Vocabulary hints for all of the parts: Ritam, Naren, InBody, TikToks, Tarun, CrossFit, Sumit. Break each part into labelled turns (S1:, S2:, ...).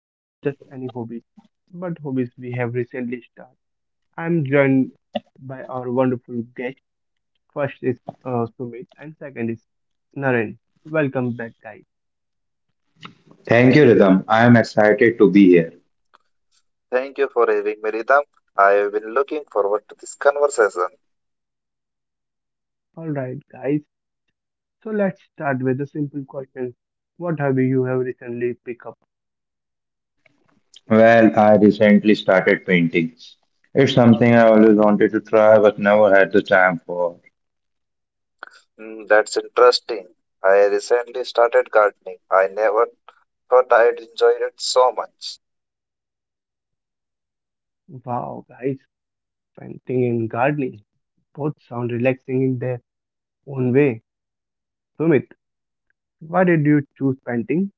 S1: and not just any hobbies, but hobbies we have recently started. I'm joined by our wonderful guest. First is Sumit, and second is Naren. Welcome back, guys.
S2: Thank you, Rhythm. I am excited to be here.
S3: Thank you for having me, Ritam. I have been looking forward to this conversation.
S1: All right, guys. So, let's start with a simple question. What hobby you have recently picked up?
S2: Well, I recently started painting. It's something I always wanted to try but never had the time for.
S3: That's interesting. I recently started gardening. I never thought I'd enjoy it so much.
S1: Wow, guys, painting and gardening both sound relaxing in their own way. Sumit, why did you choose painting?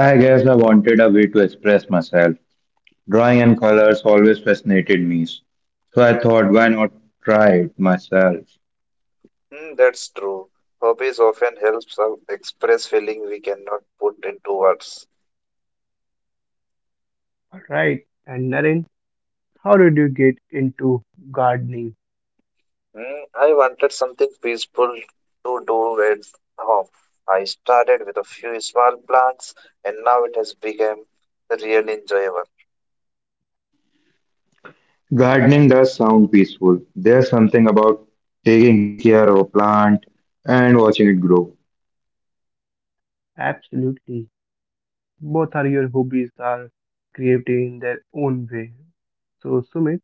S2: I guess I wanted a way to express myself. Drawing and colors always fascinated me, so I thought, why not try it myself?
S3: That's true. Hobbies often helps us express feeling we cannot put into words.
S1: All right. And Naren, how did you get into gardening?
S3: I wanted something peaceful to do at home. I started with a few small plants, and now it has become really enjoyable.
S2: Gardening does sound peaceful. There's something about taking care of a plant and watching it grow.
S1: Absolutely. Both are your hobbies are creative in their own way. So, Sumit,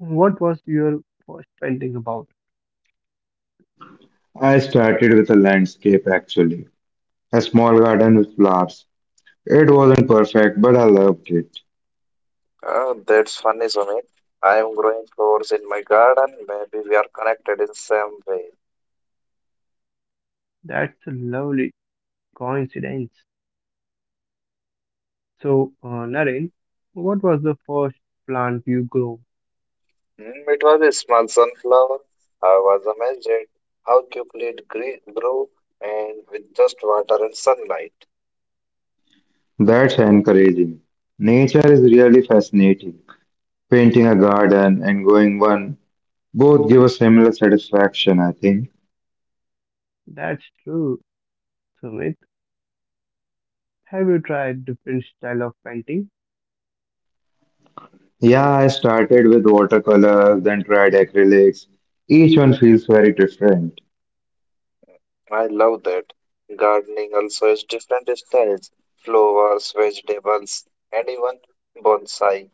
S1: what was your first painting about?
S2: I started with a landscape actually, a small garden with flowers. It wasn't perfect, but I loved it.
S3: That's funny, Sumit. I am growing flowers in my garden. Maybe we are connected in some way.
S1: That's a lovely coincidence. So, Naren, what was the first plant you grew?
S3: It was a small sunflower. I was amazed at how quickly grew and with just water and sunlight.
S2: That's encouraging. Nature is really fascinating. Painting a garden and going one both give a similar satisfaction, I think.
S1: That's true, Sumit. Have you tried different style of painting?
S2: Yeah, I started with watercolor, then tried acrylics. Each one feels very different.
S3: I love that. Gardening also has different styles, flowers, vegetables, and even bonsai.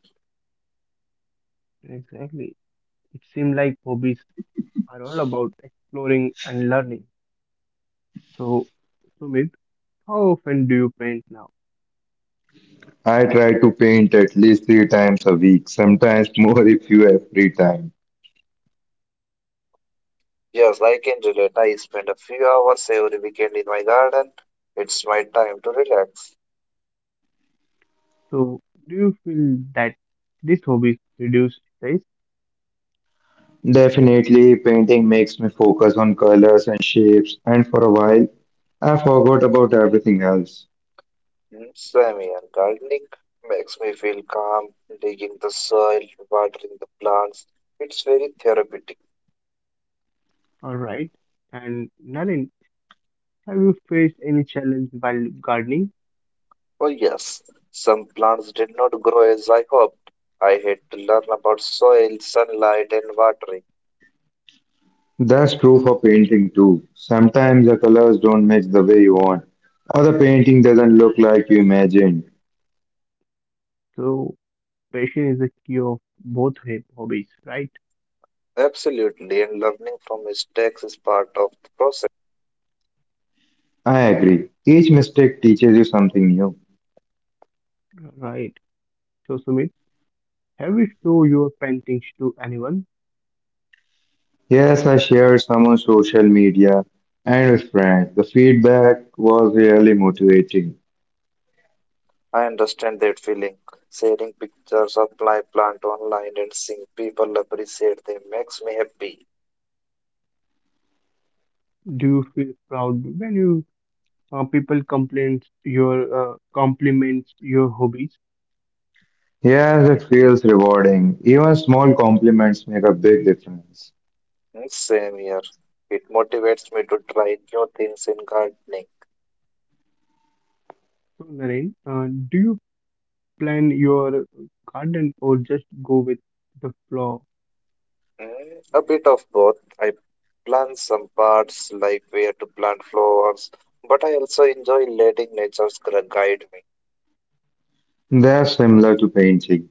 S1: Exactly. It seemed like hobbies are all about exploring and learning. So, Sumit, how often do you paint now?
S2: I try to paint at least three times a week, sometimes more if you have free time.
S3: Yes, I can relate. I spend a few hours every weekend in my garden. It's my time to relax.
S1: So, do you feel that these hobbies reduce stress?
S2: Definitely, painting makes me focus on colors and shapes, and for a while, I forgot about everything else.
S3: Swimming and gardening makes me feel calm, digging the soil, watering the plants. It's very therapeutic.
S1: Alright. And Naren, have you faced any challenge while gardening?
S3: Oh, yes, some plants did not grow as I hoped. I had to learn about soil, sunlight, and watering.
S2: That's true for painting too. Sometimes the colors don't match the way you want, or the painting doesn't look like you imagined.
S1: So, passion is the key of both hobbies, right?
S3: Absolutely, and learning from mistakes is part of the process.
S2: I agree. Each mistake teaches you something new.
S1: Right. So, Sumit, have you show your paintings to anyone?
S2: Yes, I shared some on social media and with friends. The feedback was really motivating.
S3: I understand that feeling. Sharing pictures of my plant online and seeing people appreciate them makes me happy.
S1: Do you feel proud when you people complain your compliments your hobbies?
S2: Yes, it feels rewarding. Even small compliments make a big difference.
S3: Same here. It motivates me to try new things in gardening.
S1: So, Naren, do you plan your garden or just go with the flow?
S3: Mm, a bit of both. I plant some parts, like where to plant flowers, but I also enjoy letting nature guide me.
S2: They're similar to painting.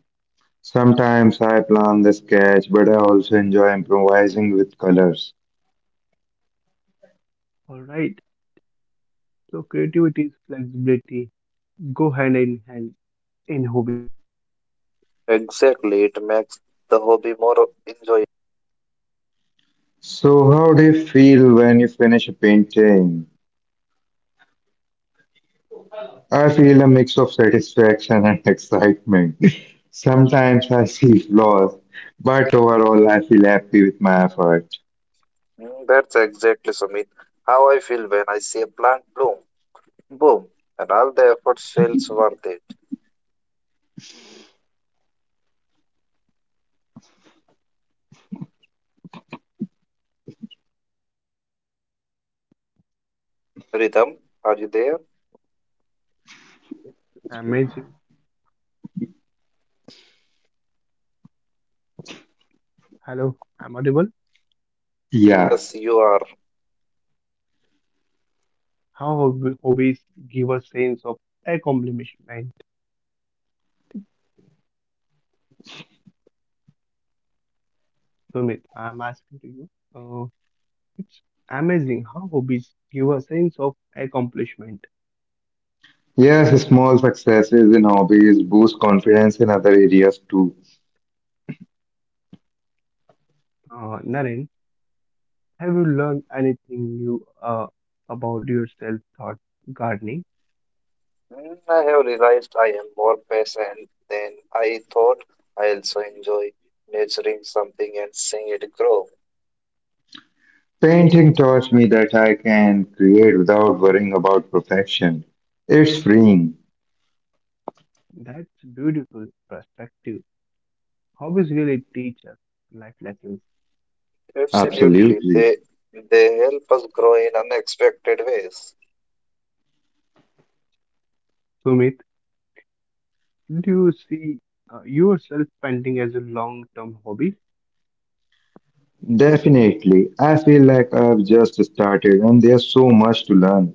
S2: Sometimes I plan the sketch, but I also enjoy improvising with colors.
S1: Alright, so creativity is flexibility, go hand in hand in hobbies.
S3: Exactly, it makes the hobby more enjoyable.
S2: So, how do you feel when you finish a painting? I feel a mix of satisfaction and excitement. Sometimes I see flaws, but overall I feel happy with my effort.
S3: That's exactly, Sumit, how I feel when I see a plant bloom. Boom, and all the effort feels worth it. Rhythm, are you there?
S1: Amazing. Hello, I'm audible.
S2: Yeah.
S3: Yes, you are.
S1: How hobbies give a sense of accomplishment. Sumit, I'm asking to you. Uh, it's amazing how hobbies give a sense of accomplishment.
S2: Yes, small successes in hobbies boost confidence in other areas too.
S1: Naren, have you learned anything new about yourself thought gardening?
S3: Mm, I have realized I am more patient than I thought. I also enjoy nurturing something and seeing it grow.
S2: Painting taught me that I can create without worrying about perfection. It's freeing.
S1: That's beautiful perspective. Hobbies really teach us life lessons.
S3: Absolutely,
S2: Absolutely.
S3: they help us grow in unexpected ways.
S1: Sumit, do you see yourself painting as a long term hobby?
S2: Definitely. I feel like I've just started and there's so much to learn.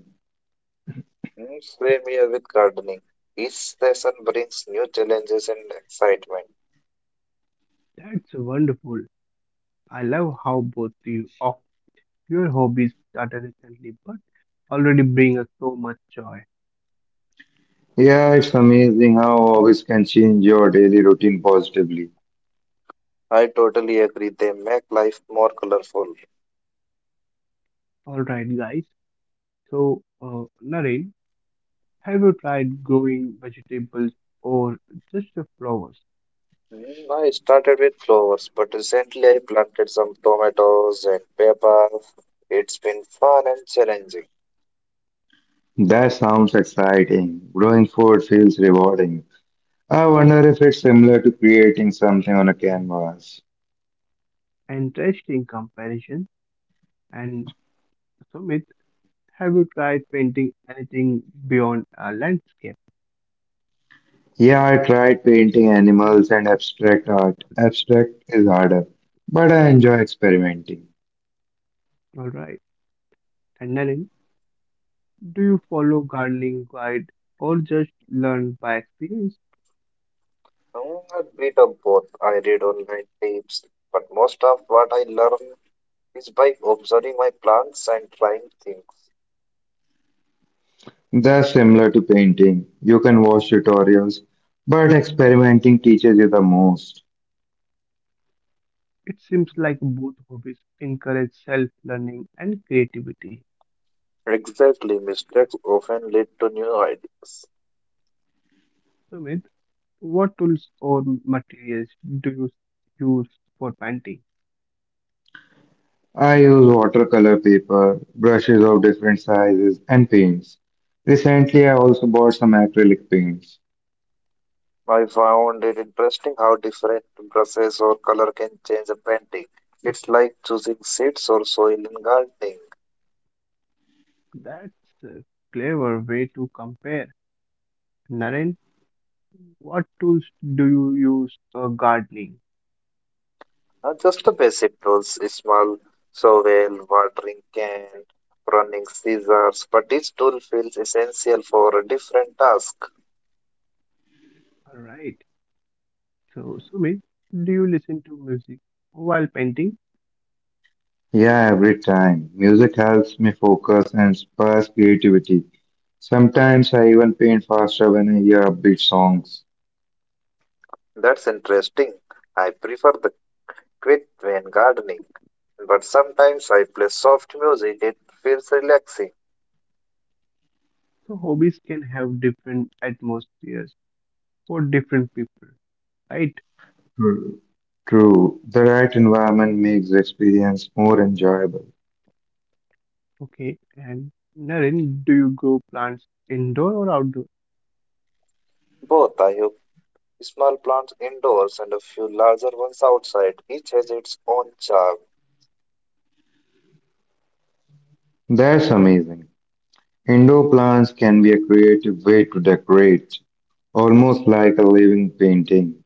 S3: Same here with gardening. Each session brings new challenges and excitement.
S1: That's wonderful. I love how both you of your hobbies started recently but already bring us so much joy.
S2: Yeah, it's amazing how hobbies can change your daily routine positively.
S3: I totally agree. They make life more colorful.
S1: Alright, guys. So, Naren, have you tried growing vegetables or just the flowers?
S3: Mm, I started with flowers, but recently I planted some tomatoes and peppers. It's been fun and challenging.
S2: That sounds exciting. Growing food feels rewarding. I wonder if it's similar to creating something on a canvas.
S1: Interesting comparison. And Sumit, have you tried painting anything beyond a landscape?
S2: Yeah, I tried painting animals and abstract art. Abstract is harder, but I enjoy experimenting.
S1: Alright. And Naren, do you follow gardening guide or just learn by experience?
S3: Mm, a bit of both. I read online tips, but most of what I learn is by observing my plants and trying things.
S2: That's similar to painting. You can watch tutorials, but experimenting teaches you the most.
S1: It seems like both hobbies encourage self-learning and creativity.
S3: Exactly, mistakes often lead to new ideas.
S1: Sumit, what tools or materials do you use for painting?
S2: I use watercolor paper, brushes of different sizes, and paints. Recently, I also bought some acrylic paints.
S3: I found it interesting how different brushes or color can change a painting. It's like choosing seeds or soil in gardening.
S1: That's a clever way to compare. Naren, what tools do you use for gardening?
S3: Not just the basic tools, a small shovel, watering can, running scissors, but each tool feels essential for a different task.
S1: All right. So, Sumit, do you listen to music while painting?
S2: Yeah, every time. Music helps me focus and spurs creativity. Sometimes I even paint faster when I hear upbeat songs.
S3: That's interesting. I prefer the quiet when gardening, but sometimes I play soft music. It feels relaxing.
S1: So hobbies can have different atmospheres for different people, right?
S2: True. True. The right environment makes the experience more enjoyable.
S1: Okay, and Naren, do you grow plants indoor or outdoor?
S3: Both I have small plants indoors and a few larger ones outside. Each has its own charm.
S2: That's amazing. Indoor plants can be a creative way to decorate, almost like a living painting.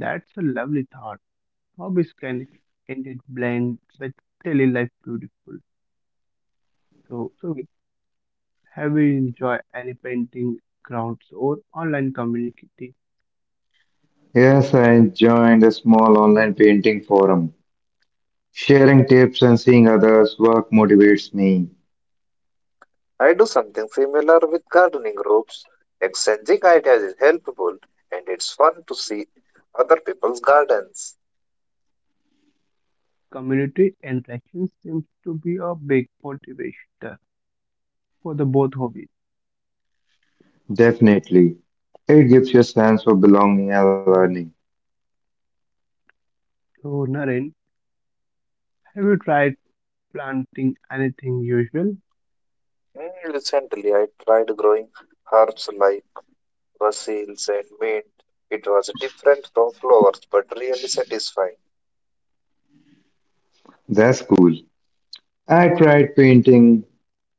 S1: That's a lovely thought. Hobbies can indeed blend with daily life beautiful. So, have you enjoyed any painting crowds or online community?
S2: Yes, I joined a small online painting forum. Sharing tips and seeing others' work motivates me.
S3: I do something similar with gardening groups. Exchanging ideas is helpful, and it's fun to see other people's gardens.
S1: Community interaction seems to be a big motivator for the both hobbies.
S2: Definitely. It gives you a sense of belonging and learning.
S1: So, Naren, have you tried planting anything usual?
S3: Mm, recently, I tried growing herbs like Basil's and mint. It was different from flowers, but really satisfying.
S2: That's cool. I tried painting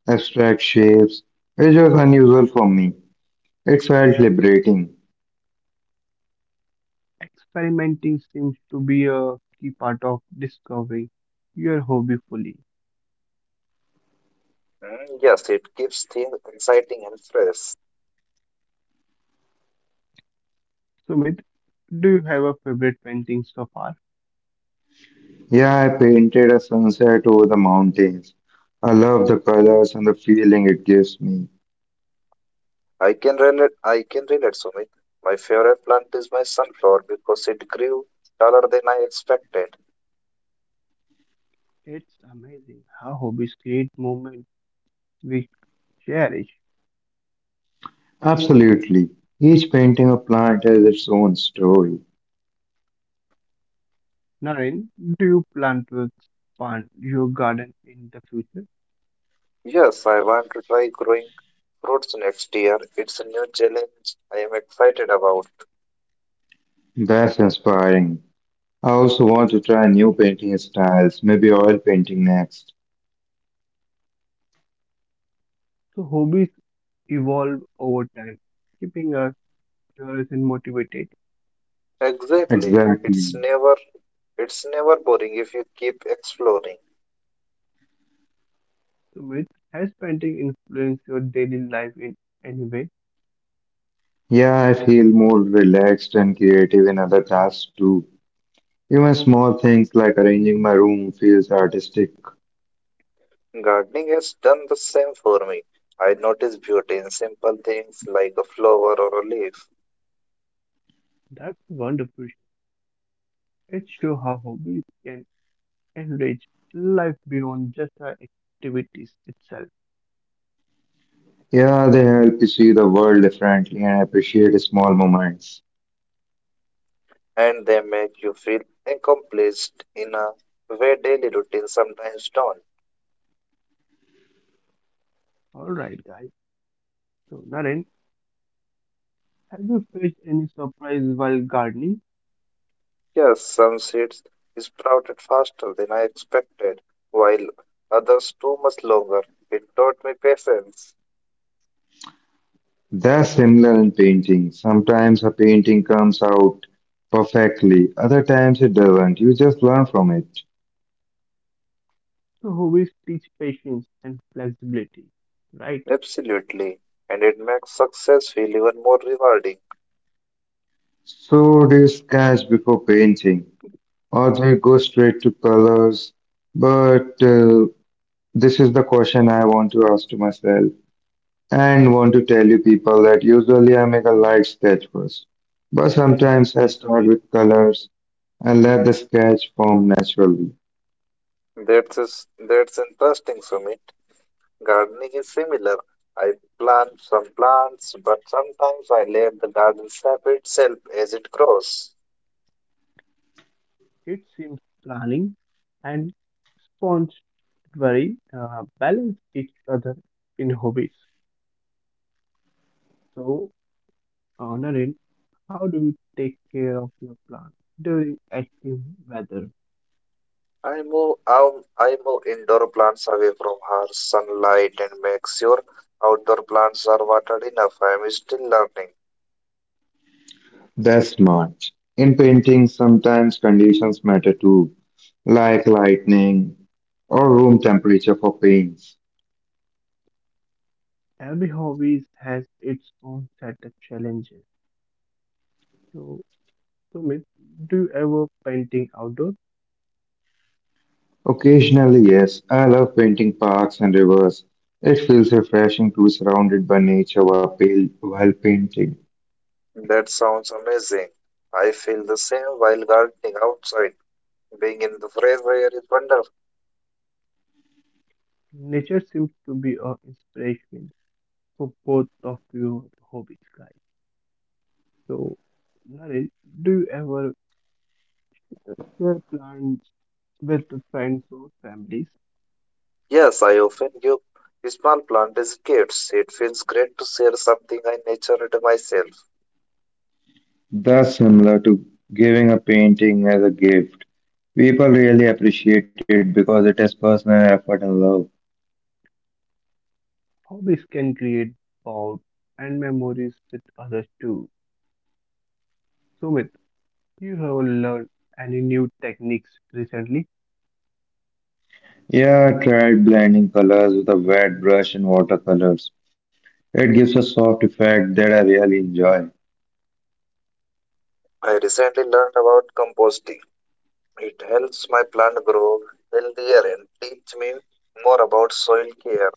S2: abstract shapes, which was unusual for me. It felt liberating.
S1: Experimenting seems to be a key part of discovering your hobby fully.
S3: Mm, yes, it keeps things exciting and fresh.
S1: Sumit, do you have a favorite painting so far?
S2: Yeah, I painted a sunset over the mountains. I love the colors and the feeling it gives me.
S3: I can relate. I can relate, Sumit. My favorite plant is my sunflower because it grew taller than I expected.
S1: It's amazing how hobbies create moments we cherish.
S2: Absolutely. Each painting of plant has its own story.
S1: Naren, do you plan to expand your garden in the future?
S3: Yes, I want to try growing fruits next year. It's a new challenge. I am excited about.
S2: That's inspiring. I also want to try new painting styles, maybe oil painting next.
S1: So hobbies evolve over time, keeping us curious and motivated.
S3: Exactly.
S2: Exactly.
S3: It's never. It's never boring if you keep exploring.
S1: Sumit, has painting influenced your daily life in any way?
S2: Yeah, I feel more relaxed and creative in other tasks too. Even small things like arranging my room feels artistic.
S3: Gardening has done the same for me. I notice beauty in simple things like a flower or a leaf,
S1: That's wonderful. It shows how hobbies can enrich life beyond just our activities itself.
S2: Yeah, they help you see the world differently and appreciate small moments.
S3: and they make you feel accomplished in a way daily routine sometimes don't.
S1: Alright, guys. So, Naren, have you faced any surprise while gardening?
S3: Yes, some seeds sprouted faster than I expected, while others too much longer. It taught me patience.
S2: They're similar in painting. Sometimes a painting comes out perfectly, other times it doesn't. You just learn from it.
S1: So, hobbies teach patience and flexibility. Right?
S3: Absolutely. And it makes success feel even more rewarding.
S2: So, do you sketch before painting, or they go straight to colors? But this is the question I want to ask to myself and want to tell you people that usually I make a light sketch first, but sometimes I
S1: Exactly,
S2: start
S1: Sumit.
S2: with colors and let the sketch form naturally.
S3: That's interesting, Sumit. Gardening is similar. I plant some plants, but sometimes I let the garden shape itself as it grows.
S1: It seems planning and spontaneity balance each other in hobbies. So, Naren, how do you take care of your plant during active weather?
S3: I move indoor plants away from harsh sunlight and make sure outdoor plants are watered enough. I am still learning.
S2: That's smart. In painting, sometimes conditions matter too, like lightning or room temperature for paints.
S1: Every hobby has its own set of challenges. So, Sumit, do you ever painting outdoors?
S2: Occasionally, yes, I love painting parks and rivers. It feels refreshing to be surrounded by nature while painting.
S3: That sounds amazing. I feel the same while gardening outside. Being in the fresh air is wonderful.
S1: Nature seems to be a inspiration for both of your hobbies, guys. So, Naren, do you ever share plans with friends or families?
S3: Yes, I often give small plant as gifts. It feels great to share something I nurtured myself.
S2: That's similar to giving a painting as a gift. People really appreciate it because it has personal effort and love.
S1: Hobbies can create bonds and memories with others too. Sumit, you have learned any new techniques recently?
S2: Yeah, I tried blending colors with a wet brush and watercolors. It gives a soft effect that I really enjoy.
S3: I recently learned about composting. It helps my plant grow healthier and teach me more about soil care.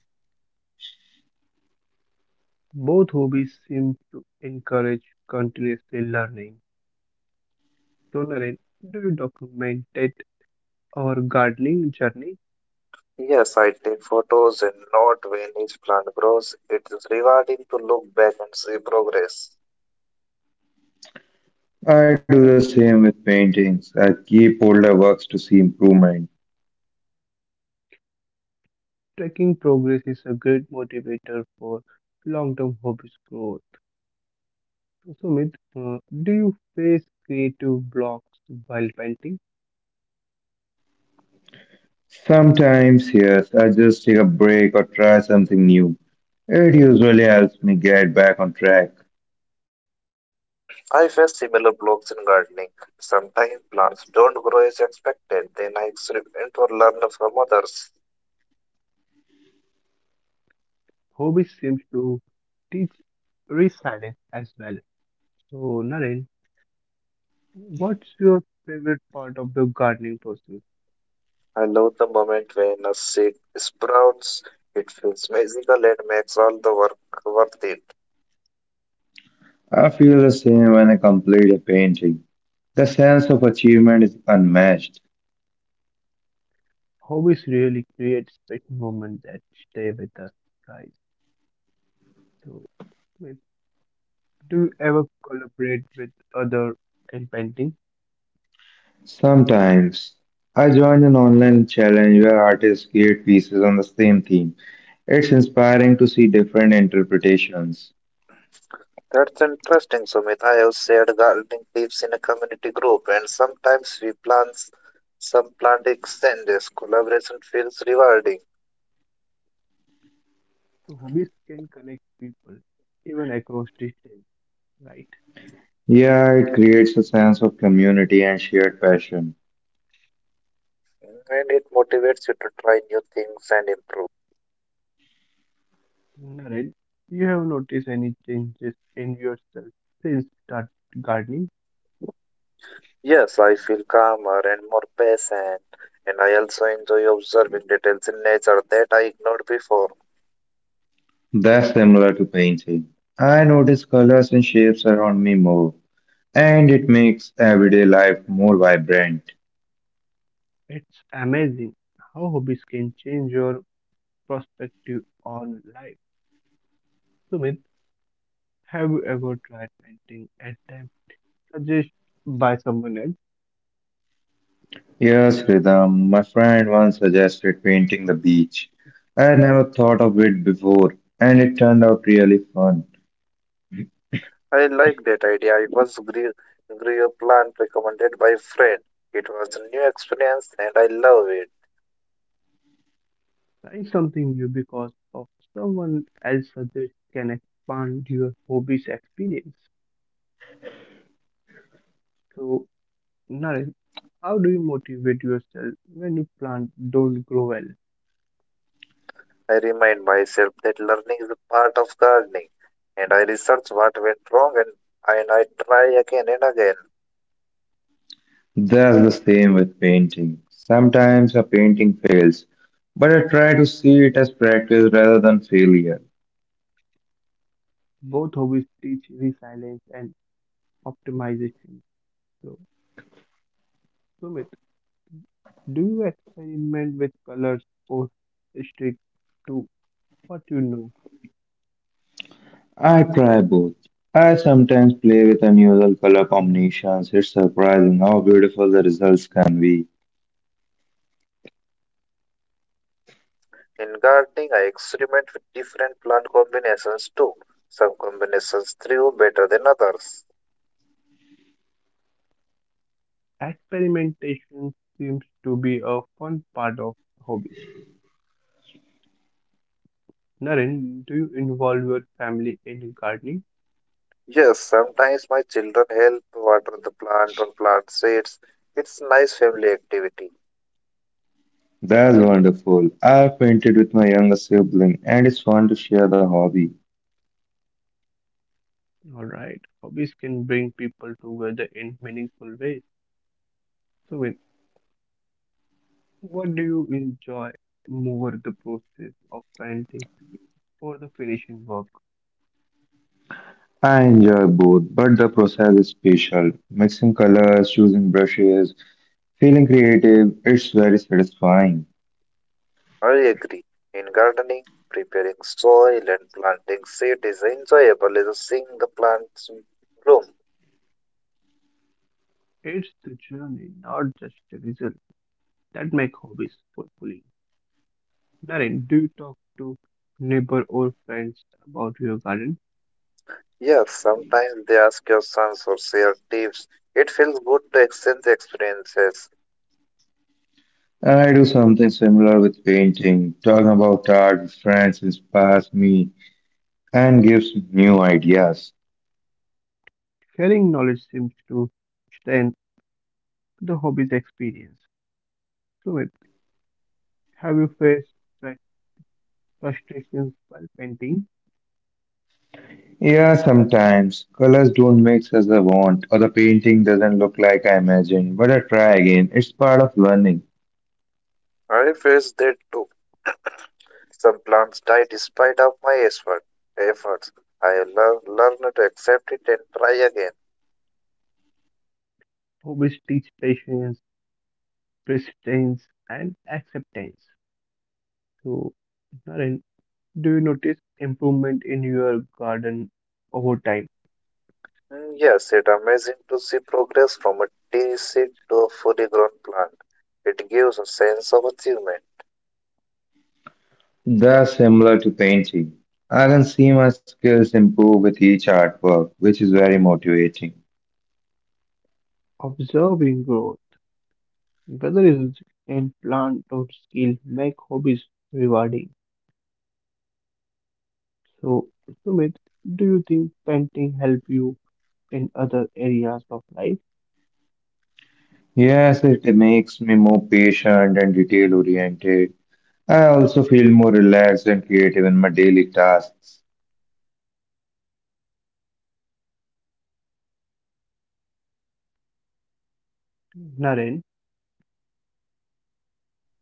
S1: Both hobbies seem to encourage continuously learning. So, Naren, do you documented our gardening journey?
S3: Yes, I take photos and note when each plant grows. It is rewarding to look back and see progress.
S2: I do the same with paintings. I keep older works to see improvement.
S1: Tracking progress is a great motivator for long term hobbies growth. So, Sumit, do you face creative blocks while painting?
S2: Sometimes, yes, I just take a break or try something new. It usually helps me get back on track.
S3: I face similar blocks in gardening. Sometimes plants don't grow as expected. Then I experiment or learn from others.
S1: Hobbies seems to teach resilience as well. So, Naren, what's your favorite part of the gardening process?
S3: I love the moment when a seed sprouts. It feels magical and makes all the work worth it.
S2: I feel the same when I complete a painting. The sense of achievement is unmatched.
S1: Hobbies really create special moments that stay with us, guys. So, Miss, do you ever collaborate with other in painting?
S2: Sometimes, I join an online challenge where artists create pieces on the same theme. It's inspiring to see different interpretations.
S3: That's interesting, Sumit. I have shared gardening tips in a community group, and sometimes we plant some plant exchanges. Collaboration feels rewarding,
S1: So, hobbies can connect people even across distance, right?
S2: Yeah, it creates a sense of community and shared passion.
S3: and it motivates you to try new things and improve.
S1: Naren, you have noticed any changes in yourself since start gardening?
S3: Yes, I feel calmer and more patient, and I also enjoy observing details in nature that I ignored before.
S2: That's similar to painting. I notice colors and shapes around me more, and it makes everyday life more vibrant.
S1: It's amazing how hobbies can change your perspective on life. Sumit, have you ever tried painting at time suggested by someone else?
S2: Yes, Rhythm, my friend once suggested painting the beach. I had never thought of it before, and it turned out really fun.
S3: I like that idea. Grew a plant recommended by a friend. It was a new experience, and I love it.
S1: Trying something new because of someone else's suggestion can expand your hobby's experience. So, Naren, how do you motivate yourself when you plant don't grow well?
S3: I remind myself that learning is a part of gardening, and I research what went wrong and I try again and again.
S2: That's the same with painting. Sometimes a painting fails, but I try to see it as practice rather than failure.
S1: Both hobbies teach resilience and optimization. So, Sumit, do you experiment with colors or stick to what you know?
S2: I try both. I sometimes play with unusual color combinations. It's surprising how beautiful the results can be.
S3: In gardening, I experiment with different plant combinations too. Some combinations thrive better than others.
S1: Experimentation seems to be a fun part of hobbies. Naren, do you involve your family in gardening?
S3: Yes, sometimes my children help water the plant or plant seeds. It's nice family activity.
S2: That's wonderful. I've painted with my younger sibling and it's fun to share the hobby.
S1: All right. Hobbies can bring people together in meaningful ways. So, what do you enjoy more, the process of painting or the finishing work?
S2: I enjoy both, but the process is special. Mixing colors, choosing brushes, feeling creative, it's very satisfying.
S3: I agree. In gardening, preparing soil and planting seed is enjoyable as seeing the plants bloom.
S1: It's the journey, not just the result, that make hobbies fulfilling. Naren, do you talk to neighbor or friends about your garden?
S3: Yes, sometimes they ask questions or share tips. It feels good to exchange experiences.
S2: I do something similar with painting. Talking about art with friends inspires me and gives new ideas.
S1: Sharing knowledge seems to strengthen the hobby's experience. So, Sumit, have you faced fru- frustrations while painting?
S2: Yeah, sometimes colors don't mix as I want, or the painting doesn't look like I imagined, but I try again. It's part of learning.
S3: I face that too. Some plants die despite of efforts. Learn to accept it and try again.
S1: Hobbies teach patience presence and acceptance. So, Naren, do you notice improvement in your garden over time?
S3: Yes, it's amazing to see progress from a tea seed to a fully grown plant. It gives a sense of achievement.
S2: They're similar to painting. I can see my skills improve with each artwork, which is very motivating.
S1: Observing growth, whether it's in plant or skill, make hobbies rewarding. So, Sumit, do you think painting help you in other areas of life?
S2: Yes, it makes me more patient and detail oriented. I also feel more relaxed and creative in my daily tasks.
S1: Naren,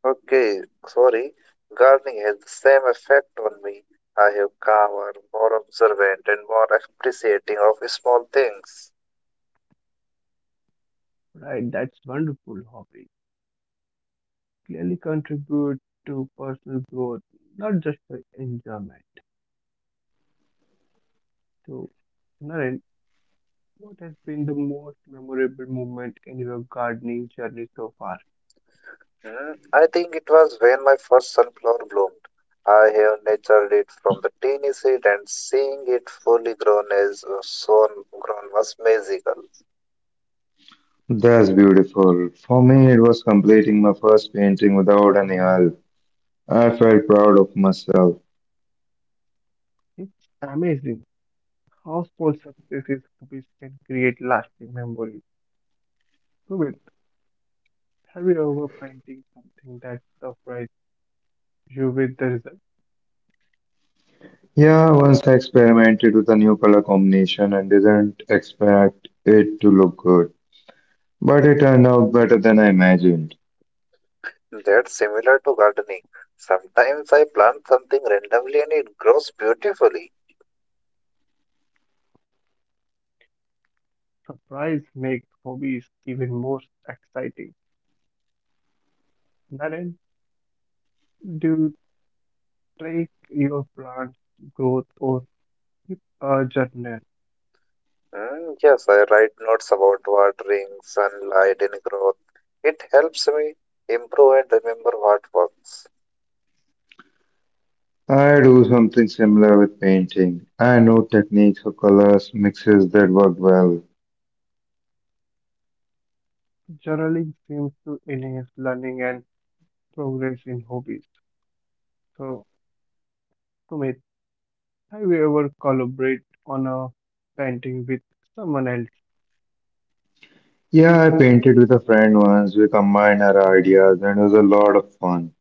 S3: Okay, sorry. Gardening has the same effect on me. I have calmer, more observant, and more appreciating of small things.
S1: right, that's wonderful hobby. Clearly contribute to personal growth, not just for enjoyment. So, Naren, what has been the most memorable moment in your gardening journey so far?
S3: I think it was when my first sunflower bloomed. I have nurtured it from the teeny seed, and seeing it fully grown as soon grown was magical.
S2: That's beautiful. For me, it was completing my first painting without any help. I felt proud of myself.
S1: It's amazing how small successes hobbies can create lasting memories. Sumit, have you ever painting something that surprised you with the result?
S2: Yeah, once I experimented with a new color combination and didn't expect it to look good, but it turned out better than I imagined.
S3: That's similar to gardening. Sometimes I plant something randomly and it grows beautifully.
S1: Surprise makes hobbies even more exciting. Naren, do you track your plant's growth or keep a journal?
S3: Mm, yes, I write notes about watering, sunlight, and growth. It helps me improve and remember what works.
S2: I do something similar with painting. I know techniques for colors, mixes that work well.
S1: Journaling seems to enhance learning and progress in hobbies. So, Sumit, have you ever collaborated on a painting with someone else?
S2: Yeah, I painted with a friend once. We combined our ideas and it was a lot of fun.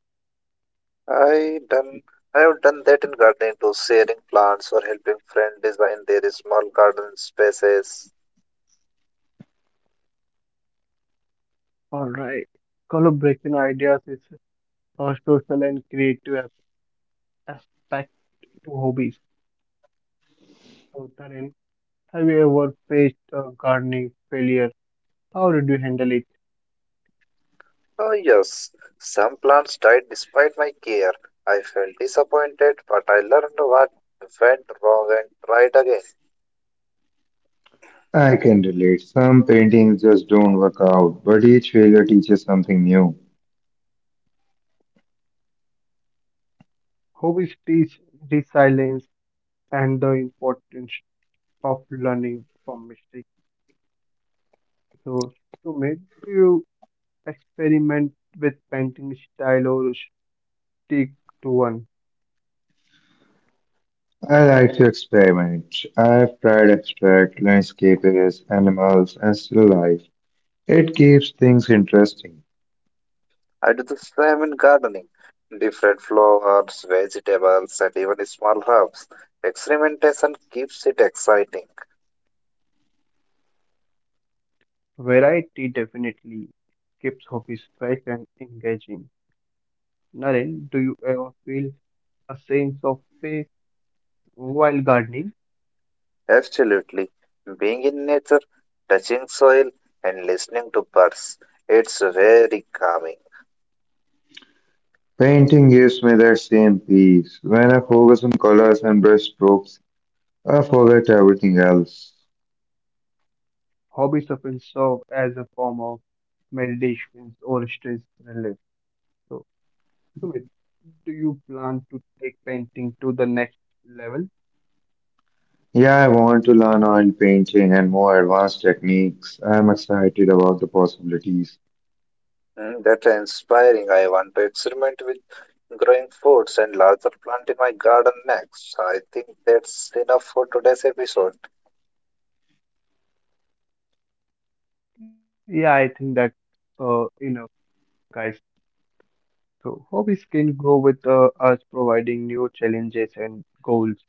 S3: I done I have done that in gardening too, sharing plants or helping friend design their small garden spaces.
S1: Alright. Collaboration ideas is a social and creative aspect to hobbies. So, Tarun, have you ever faced a gardening failure? How did you handle it?
S3: Oh yes, some plants died despite my care. I felt disappointed, but I learned what went wrong and tried again.
S2: I can relate. Some paintings just don't work out, but each failure teaches something new.
S1: Hobbies teach resilience and the importance of learning from mistakes. So, Sumit, do you experiment with painting style or stick to one?
S2: I like to experiment. I've tried abstract, landscapes, animals, and still life. It keeps things interesting.
S3: I do the same in gardening. Different flowers, vegetables, and even small herbs. Experimentation keeps it exciting.
S1: Variety definitely keeps hobbies fresh and engaging. Naren, do you ever feel a sense of peace while gardening?
S3: Absolutely. Being in nature, touching soil, and listening to birds, it's very calming.
S2: Painting gives me that same peace. When I focus on colors and brush strokes, I forget everything else.
S1: Hobbies often serve as a form of meditation or stress relief. So, Sumit, do you plan to take painting to the next level?
S2: Yeah, I want to learn oil painting and more advanced techniques. I am excited about the possibilities.
S3: That's inspiring. I want to experiment with growing foods and larger plant in my garden next. I think that's enough for today's episode.
S1: Yeah, I think that enough, guys. So, hobbies can grow with us providing new challenges and goals.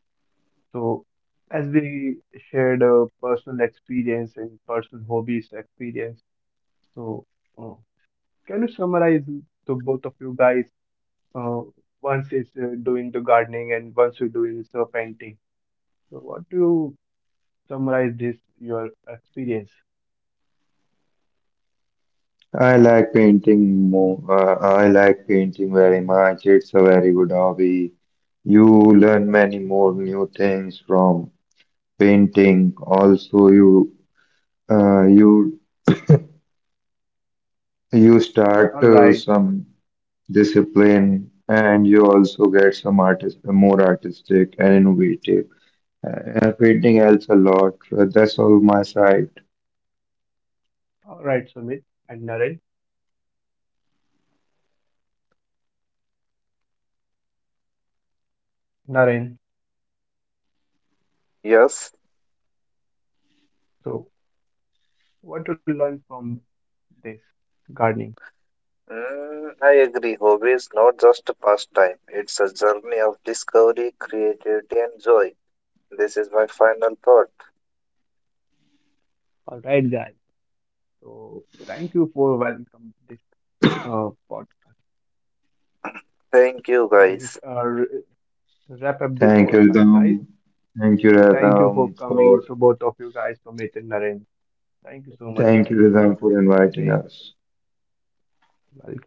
S1: So, as we shared a personal experience and personal hobbies experience, so uh, can you summarize to both of you guys? Uh, once is doing the gardening and once you're doing the painting. So, what do you summarize this your experience?
S2: I like painting more. I like painting very much. It's a very good hobby. You learn many more new things from painting. Also, you uh, you you start
S1: All right,
S2: some discipline, and you also get some artist more artistic and innovative. Everything else a lot. That's all my side.
S1: all right, Sumit and Naren.
S3: Yes.
S1: So, what to learn from this gardening?
S3: I agree. Hobby is not just a pastime, it's a journey of discovery, creativity, and joy. This is my final thought.
S1: All right, guys. So, thank you for welcome this podcast.
S3: Thank you,
S1: This is
S3: guys.
S1: our wrap up this
S2: Thank you,
S1: podcast, guys.
S2: Rhythm. Thank you,
S1: Thank you for
S2: Rhythm,
S1: coming. So
S2: for
S1: both of you guys, Sumit and Naren, thank you so much
S2: thank you, Rhythm,
S1: for
S2: for
S1: having the day.
S2: inviting us.
S1: Welcome.